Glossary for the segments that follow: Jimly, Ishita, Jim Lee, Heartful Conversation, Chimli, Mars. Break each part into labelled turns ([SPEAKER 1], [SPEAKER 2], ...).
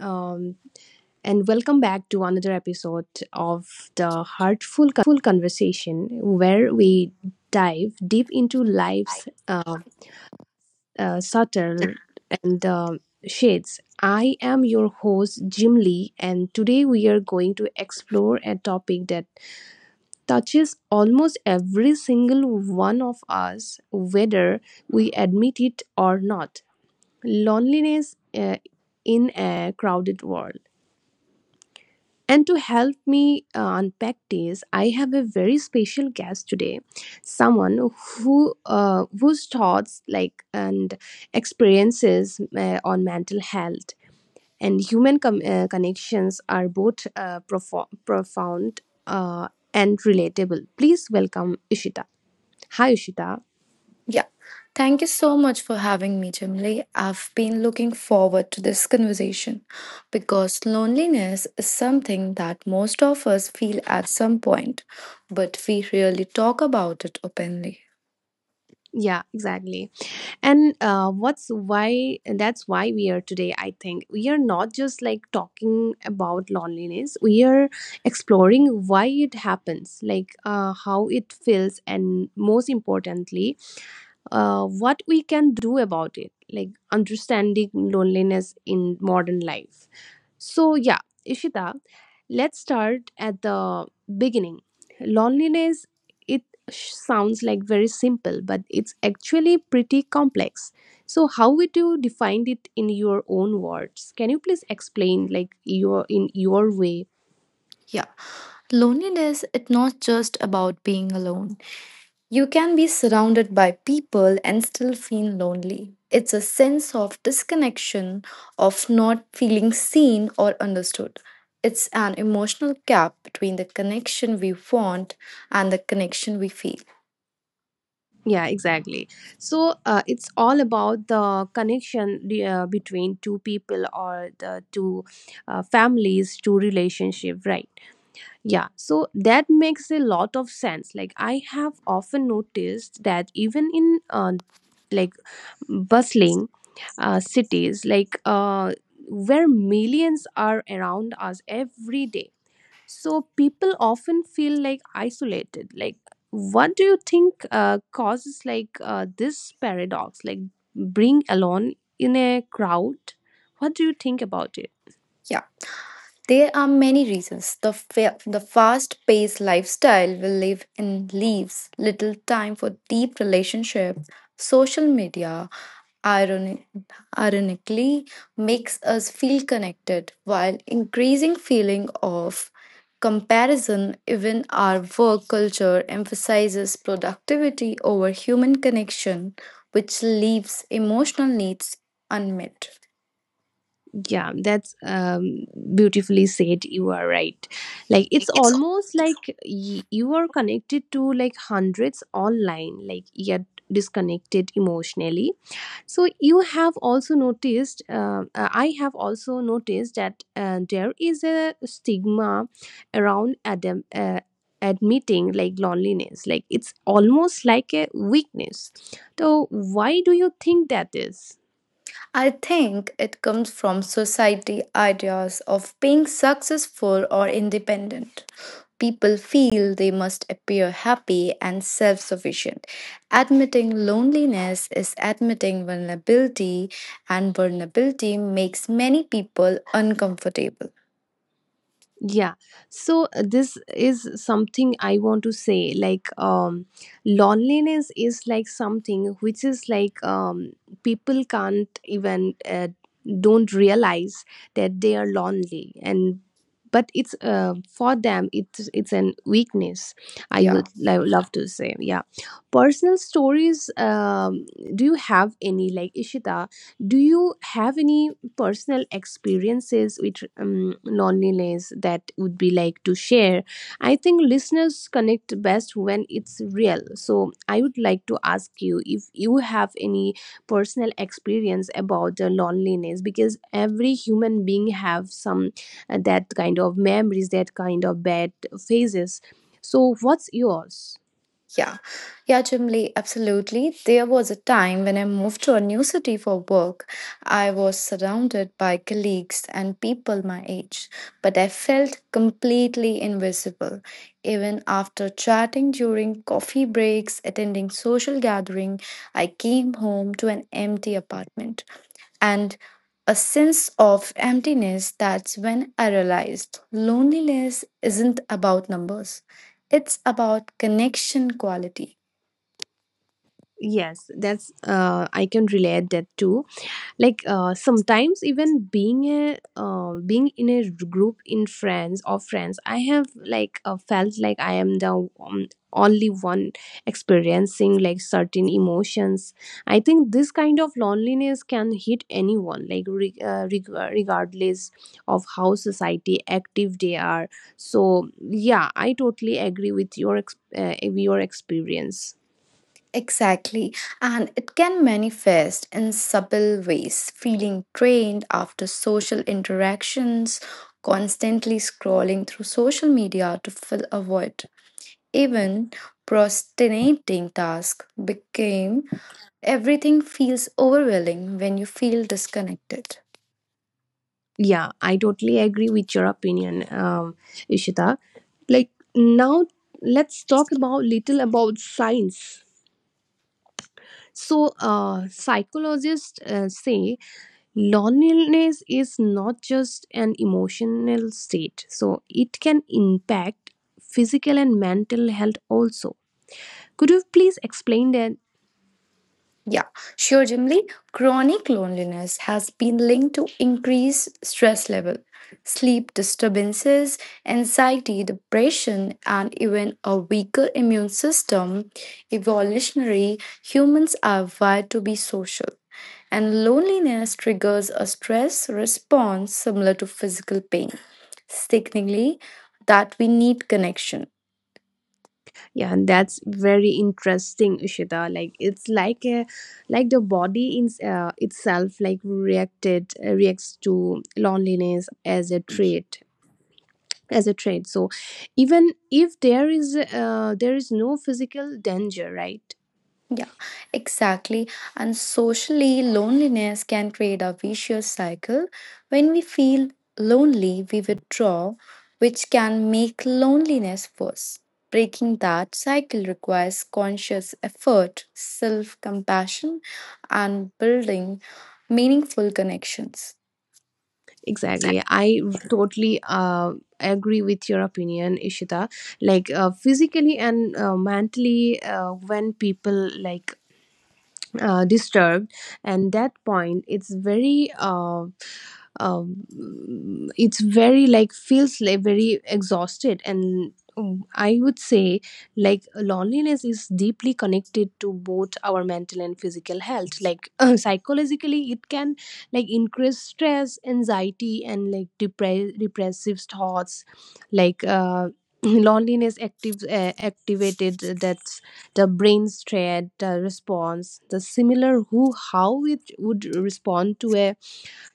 [SPEAKER 1] and welcome back to another episode of the Heartful Conversation, where we dive deep into life's subtle and shades. I am your host, Jim Lee, and today we are going to explore a topic that touches almost every single one of us, whether we admit it or not, loneliness in a crowded world. And to help me unpack this, I have a very special guest today, someone who whose thoughts, like, and experiences on mental health and human connections are both profound and relatable. Please welcome Ishita. Hi, Ishita.
[SPEAKER 2] Yeah. Thank you so much for having me, Jimly. I've been looking forward to this conversation because loneliness is something that most of us feel at some point, but we rarely talk about it openly.
[SPEAKER 1] Yeah, exactly. And what's why that's why we are today. I think we are not just, like, talking about loneliness, we are exploring why it happens, like, how it feels, and most importantly, what we can do about it, like understanding loneliness in modern life. So, yeah, Ishita, let's start at the beginning. Loneliness, it sounds like very simple, but it's actually pretty complex. So, how would you define it in your own words? Can you please explain, like, your, in your way?
[SPEAKER 2] Yeah. Loneliness is not just about being alone. You can be surrounded by people and still feel lonely. It's a sense of disconnection, of not feeling seen or understood. It's an emotional gap between the connection we want and the connection we feel.
[SPEAKER 1] Yeah, exactly. So, it's all about the connection, between two people or the two families, two relationship, right? Yeah, so that makes a lot of sense. Like, I have often noticed that even in like bustling cities, like where millions are around us every day, so people often feel like isolated. Like, what do you think causes like this paradox? Like, being alone in a crowd. What do you think about it?
[SPEAKER 2] Yeah. There are many reasons. The fast paced lifestyle will leave in leaves little time for deep relationships. Social media, ironi- ironically, makes us feel connected while increasing feeling of comparison. Even our work culture emphasizes productivity over human connection, which leaves emotional needs unmet.
[SPEAKER 1] Yeah, that's beautifully said. You are right, like it's almost like you are connected to like hundreds online, like yet disconnected emotionally. So you have also noticed, I have also noticed that there is a stigma around adam admitting like loneliness, like it's almost like a weakness. So why do you think that is?
[SPEAKER 2] I think it comes from society ideas of being successful or independent. People feel they must appear happy and self sufficient. Admitting loneliness is admitting vulnerability, and vulnerability makes many people uncomfortable.
[SPEAKER 1] Yeah, so this is something I want to say, like um, loneliness is like something which is like um, people can't even don't realize that they are lonely, and but it's for them it's an weakness, I
[SPEAKER 2] Yeah.
[SPEAKER 1] would love to say. Yeah, personal stories. Do you have any, like, Ishita, do you have any personal experiences with loneliness that would be like to share? I think listeners connect best when it's real, so I would like to ask you if you have any personal experience about the loneliness, because every human being have some that kind of memories, that kind of bad phases. So what's yours?
[SPEAKER 2] Yeah, yeah, Chimli, absolutely. There was a time when I moved to a new city for work. I was surrounded by colleagues and people my age, but I felt completely invisible. Even after chatting during coffee breaks, attending social gathering, I came home to an empty apartment and a sense of emptiness. That's when I realized loneliness isn't about numbers, it's about connection quality.
[SPEAKER 1] Yes, that's uh, I can relate that too. Like sometimes even being a being in a group in friends or friends, I have like felt like I am the um, only one experiencing like certain emotions. I think this kind of loneliness can hit anyone, like regardless of how society active they are. So yeah, I totally agree with your your experience.
[SPEAKER 2] Exactly. And it can manifest in subtle ways, feeling drained after social interactions, constantly scrolling through social media to fill a void. Even procrastinating tasks became everything feels overwhelming when you feel disconnected.
[SPEAKER 1] Yeah, I totally agree with your opinion, Ishita. Like now, let's talk about little about science. So, psychologists say loneliness is not just an emotional state. So, it can impact physical and mental health also. Could you please explain that?
[SPEAKER 2] Yeah, sure, Jimly. Chronic loneliness has been linked to increased stress level, sleep disturbances, anxiety, depression, and even a weaker immune system. Evolutionary, humans are wired to be social, and loneliness triggers a stress response similar to physical pain, signaling that we need connection.
[SPEAKER 1] Yeah, and that's very interesting, Ishita. Like it's like a, like the body in itself like reacted reacts to loneliness as a trait, as a trait. So even if there is no physical danger, right?
[SPEAKER 2] Yeah, exactly. And socially, loneliness can create a vicious cycle. When we feel lonely, we withdraw, which can make loneliness worse. Breaking that cycle requires conscious effort, self compassion, and building meaningful connections.
[SPEAKER 1] Exactly. I totally agree with your opinion, Ishita. Like physically and mentally, when people like disturbed, and that point it's very like feels like very exhausted, and I would say like loneliness is deeply connected to both our mental and physical health, like psychologically it can like increase stress, anxiety, and like depressive thoughts, like loneliness active activated that the brain's thread, the response, the similar who, how it would respond to a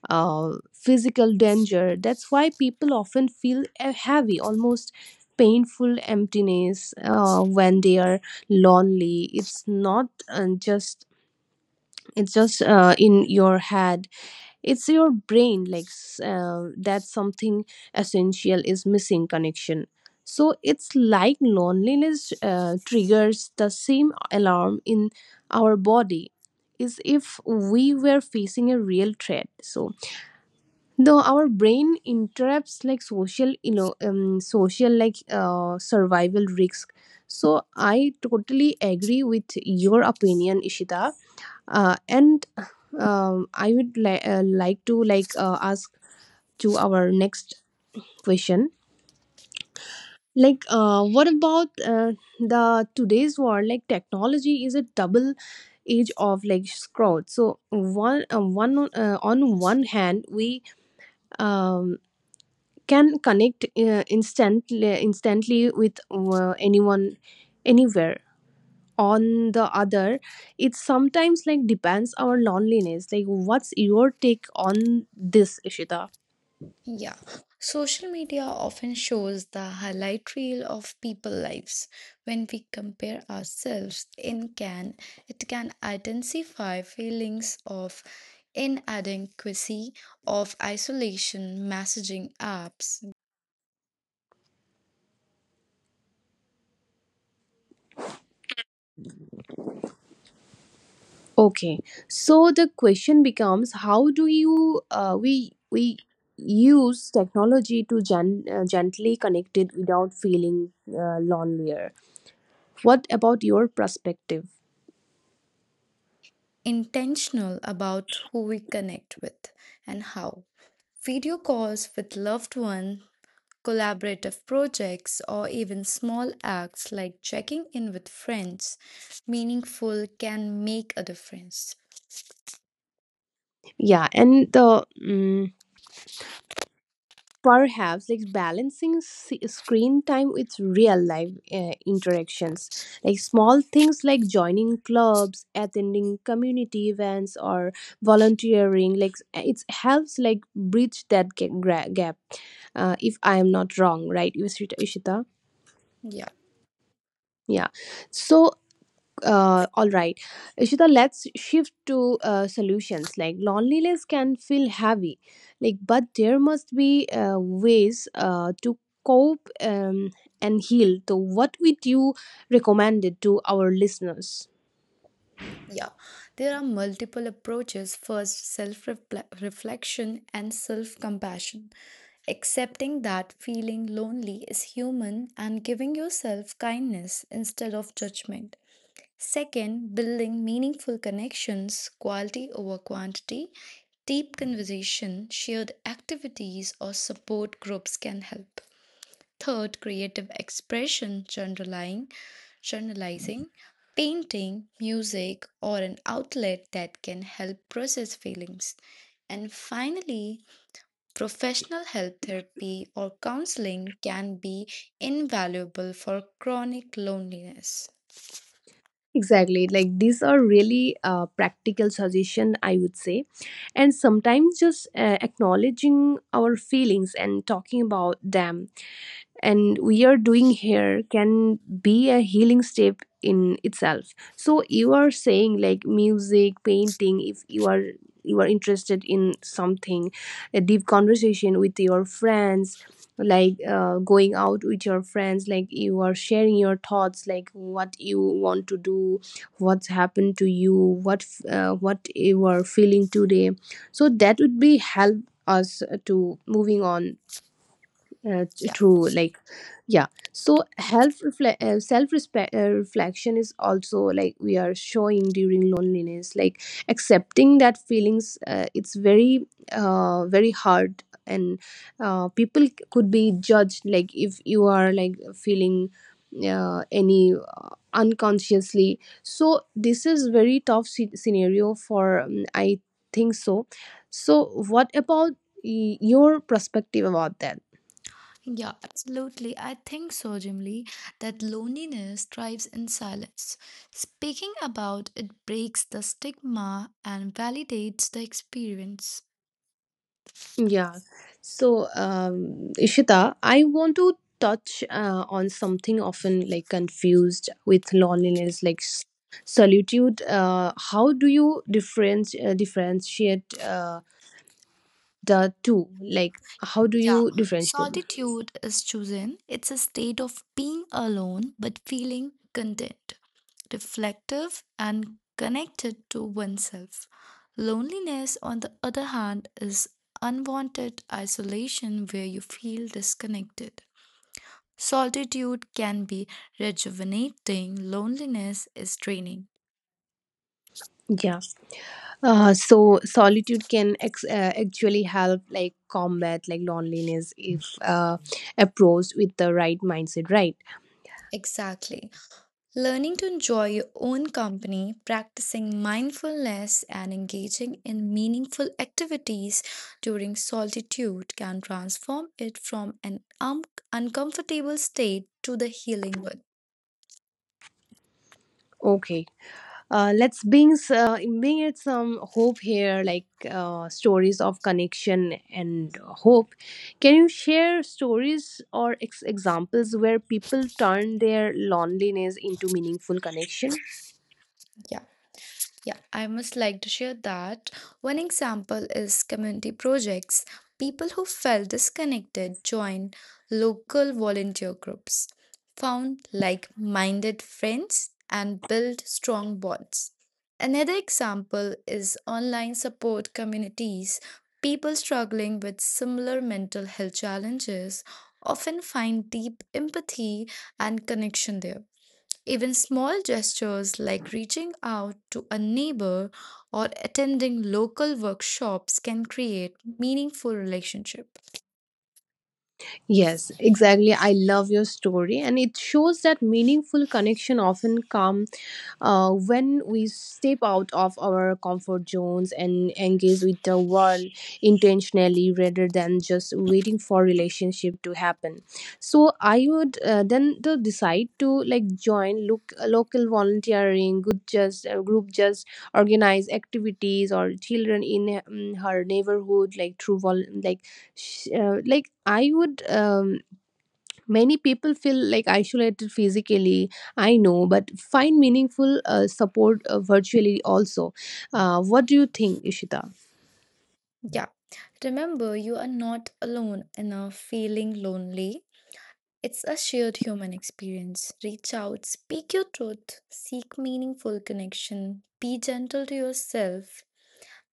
[SPEAKER 1] physical danger. That's why people often feel a heavy, almost painful emptiness when they are lonely. It's not just it's just in your head, it's your brain like that something essential is missing, connection. So it's like loneliness triggers the same alarm in our body, is if we were facing a real threat. So though our brain interrupts like social, you know, social like survival risk. So I totally agree with your opinion, Ishita, and I would like to like ask to our next question, like what about the today's world? Like technology is a double edge of like scroll. So one on one hand we um, can connect instantly with anyone anywhere, on the other it sometimes like depends our loneliness. Like what's your take on this, Ishita?
[SPEAKER 3] Yeah, social media often shows the highlight reel of people lives. When we compare ourselves it can intensify feelings of inadequacy, of isolation, messaging apps,
[SPEAKER 1] Okay, so the question becomes, how do you we use technology to gently connect it without feeling lonelier? What about your perspective?
[SPEAKER 2] Intentional about who we connect with and how. Video calls with loved ones, collaborative projects, or even small acts like checking in with friends, meaningful can make a difference.
[SPEAKER 1] Yeah, and the mm, perhaps like balancing screen time with real life interactions, like small things like joining clubs, attending community events, or volunteering, like it helps like bridge that gap, if I am not wrong, right, Ishita? Ishita?
[SPEAKER 2] Yeah,
[SPEAKER 1] Yeah, so all right, Ishita, let's shift to solutions. Like loneliness can feel heavy, like, but there must be ways to cope and heal. So what would you recommend it to our listeners?
[SPEAKER 2] yeah. There are multiple approaches. First, self reflection and self compassion. Accepting that feeling lonely is human and giving yourself kindness instead of judgment. Second, building meaningful connections, quality over quantity, deep conversation, shared activities, or support groups can help. Third, creative expression, journaling, journalizing, painting, music, or an outlet that can help process feelings. And finally, professional help therapy or counseling can be invaluable for chronic loneliness. Yeah.
[SPEAKER 1] Exactly, like these are really practical suggestion, I would say, and sometimes just acknowledging our feelings and talking about them, and we are doing here, can be a healing step in itself. So you are saying like music, painting, if you are, you are interested in something, a deep conversation with your friends, like going out with your friends, like you are sharing your thoughts, like what you want to do, what's happened to you, what you are feeling today. So that would be help us to moving on, uh, through, like, yeah. So health reflect, self respect, reflection is also, like we are showing during loneliness, like accepting that feelings, it's very very hard, and people could be judged, like if you are like feeling any unconsciously. So this is very tough scenario for I think so. So what about your perspective about that?
[SPEAKER 2] Yeah, absolutely. I think so, Jim Lee, that loneliness thrives in silence. Speaking about it breaks the stigma and validates the experience.
[SPEAKER 1] Yeah. So, Ishita, I want to touch on something often like confused with loneliness, like solitude. How do you difference differentiate the two? Like, how do
[SPEAKER 2] Yeah,
[SPEAKER 1] you differentiate?
[SPEAKER 2] solitude is chosen. It's a state of being alone but feeling content, reflective, and connected to oneself. Loneliness, on the other hand, is unwanted isolation where you feel disconnected. Solitude can be rejuvenating, loneliness is draining.
[SPEAKER 1] Yeah. So solitude can actually help like combat like loneliness, if approached with the right mindset, right?
[SPEAKER 2] Exactly. Learning to enjoy your own company, practicing mindfulness, and engaging in meaningful activities during solitude can transform it from an uncomfortable state to the healing one.
[SPEAKER 1] Okay. Let's bring bring it some hope here, like stories of connection and hope. Can you share stories or examples where people turn their loneliness into meaningful connection?
[SPEAKER 2] Yeah. Yeah, I must like to share that. One example is community projects. People who felt disconnected joined local volunteer groups, found like minded friends, and built strong bonds. Another example is online support communities. People struggling with similar mental health challenges often find deep empathy and connection there. Even small gestures like reaching out to a neighbor or attending local workshops can create meaningful relationship.
[SPEAKER 1] Yes, exactly. I love your story, and it shows that meaningful connection often come, when we step out of our comfort zones and engage with the world intentionally rather than just waiting for relationship to happen. So I would then to decide to like join, look, local volunteering, good just group, just organize activities or children in her neighborhood, like through like I would many people feel like isolated physically, I know, but find meaningful support virtually also. What do you think, Ishita?
[SPEAKER 2] Yeah. Remember, you are not alone in a feeling lonely. It's a shared human experience. Reach out, speak your truth, seek meaningful connection, be gentle to yourself,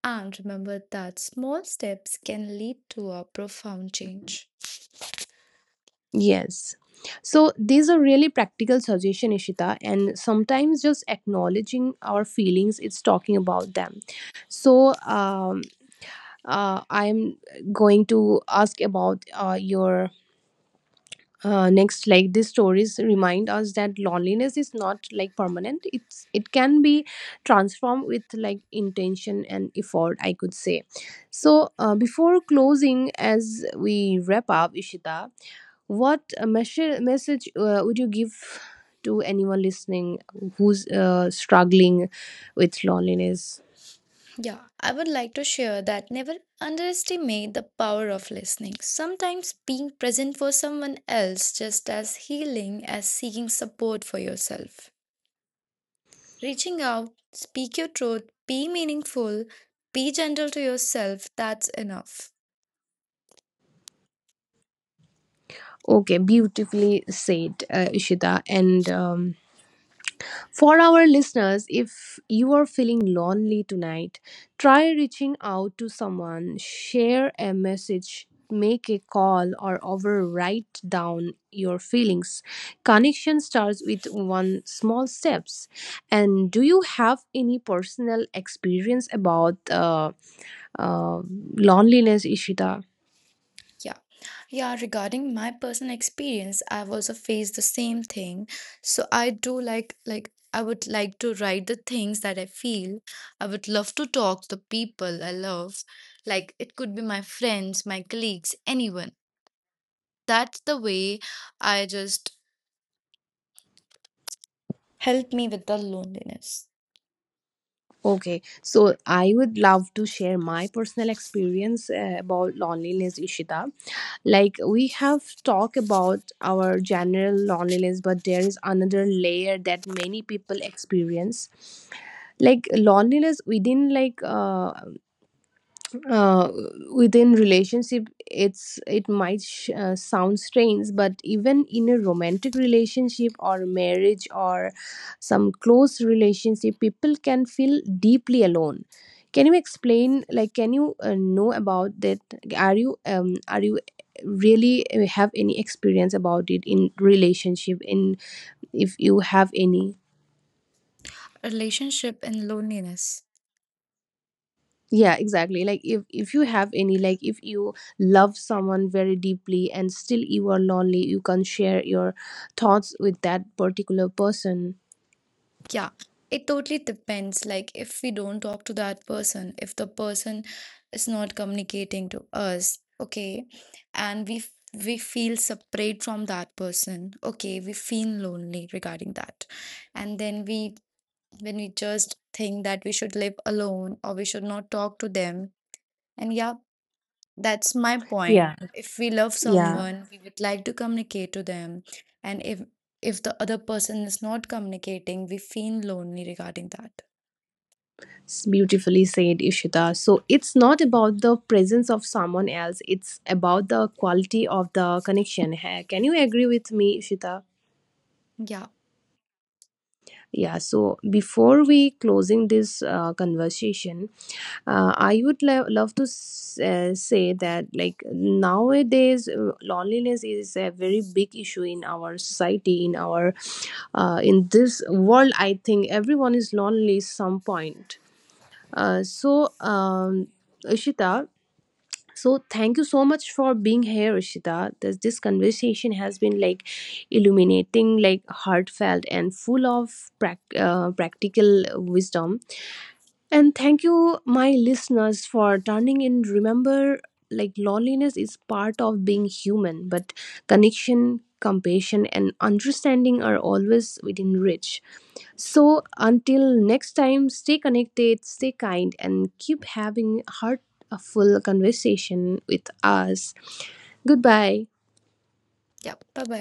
[SPEAKER 2] and remember that small steps can lead to a profound change.
[SPEAKER 1] Yes. So these are really practical suggestion, Ishita, and sometimes just acknowledging our feelings, it's talking about them. So I'm going to ask about your next, like, these stories remind us that loneliness is not like permanent, it's, it can be transformed with like intention and effort, I could say. So before closing, as we wrap up, Ishita, what message would you give to anyone listening who's struggling with loneliness?
[SPEAKER 2] Yeah, I would like to share that never underestimate the power of listening. Sometimes being present for someone else just as healing as seeking support for yourself. Reaching out, speak your truth, be meaningful, be gentle to yourself, that's enough.
[SPEAKER 1] Okay, beautifully said, Ishita, and for our listeners, if you are feeling lonely tonight, try reaching out to someone, share a message, make a call, or overwrite down your feelings. Connection starts with one small steps. And do you have any personal experience about uh, loneliness, Ishita?
[SPEAKER 2] Yeah. Yeah, regarding my personal experience, I've also faced the same thing. So I do like, I would like to write the things that I feel. I would love to talk to people I love. Like it could be my friends, my colleagues, anyone. That's the way I just help me with the loneliness.
[SPEAKER 1] Okay, so I would love to share my personal experience about loneliness, Ishita. Like we have talked about our general loneliness, but there is another layer that many people experience, like loneliness within, like uh, within relationship. It's, it might sound strange, but even in a romantic relationship or marriage or some close relationship, people can feel deeply alone. Can you explain, like, can you know about that? Are you are you really have any experience about it in relationship, in, if you have any?
[SPEAKER 2] Relationship and loneliness.
[SPEAKER 1] Yeah, exactly. Like if you have any, like if you love someone very deeply and still you are lonely, you can share your thoughts with that particular person.
[SPEAKER 2] Yeah, it totally depends. Like, if we don't talk to that person, if the person is not communicating to us, okay, and we feel separate from that person, okay, we feel lonely regarding that, and then we when we just think that we should live alone or we should not talk to them, and yeah, that's my point.
[SPEAKER 1] Yeah,
[SPEAKER 2] If we love
[SPEAKER 1] yeah,
[SPEAKER 2] someone, we would like to communicate to them. And if the other person is not communicating, we feel lonely regarding that.
[SPEAKER 1] it's beautifully said, Ishita. So it's not about the presence of someone else, it's about the quality of the connection. Hey, can you agree with me, Ishita?
[SPEAKER 2] Yeah.
[SPEAKER 1] Yeah, so before we closing this conversation, I would love to say that like nowadays loneliness is a very big issue in our society, in our in this world. I think everyone is lonely some point, so Ishita, so thank you so much for being here, Ishita. This conversation has been like illuminating, like heartfelt and full of practical wisdom. And thank you, my listeners, for turning in. Remember, like loneliness is part of being human, but connection, compassion, and understanding are always within reach. So, until next time, stay connected, stay kind, and keep having heartful conversation with us. Goodbye.
[SPEAKER 2] Yeah. Bye bye.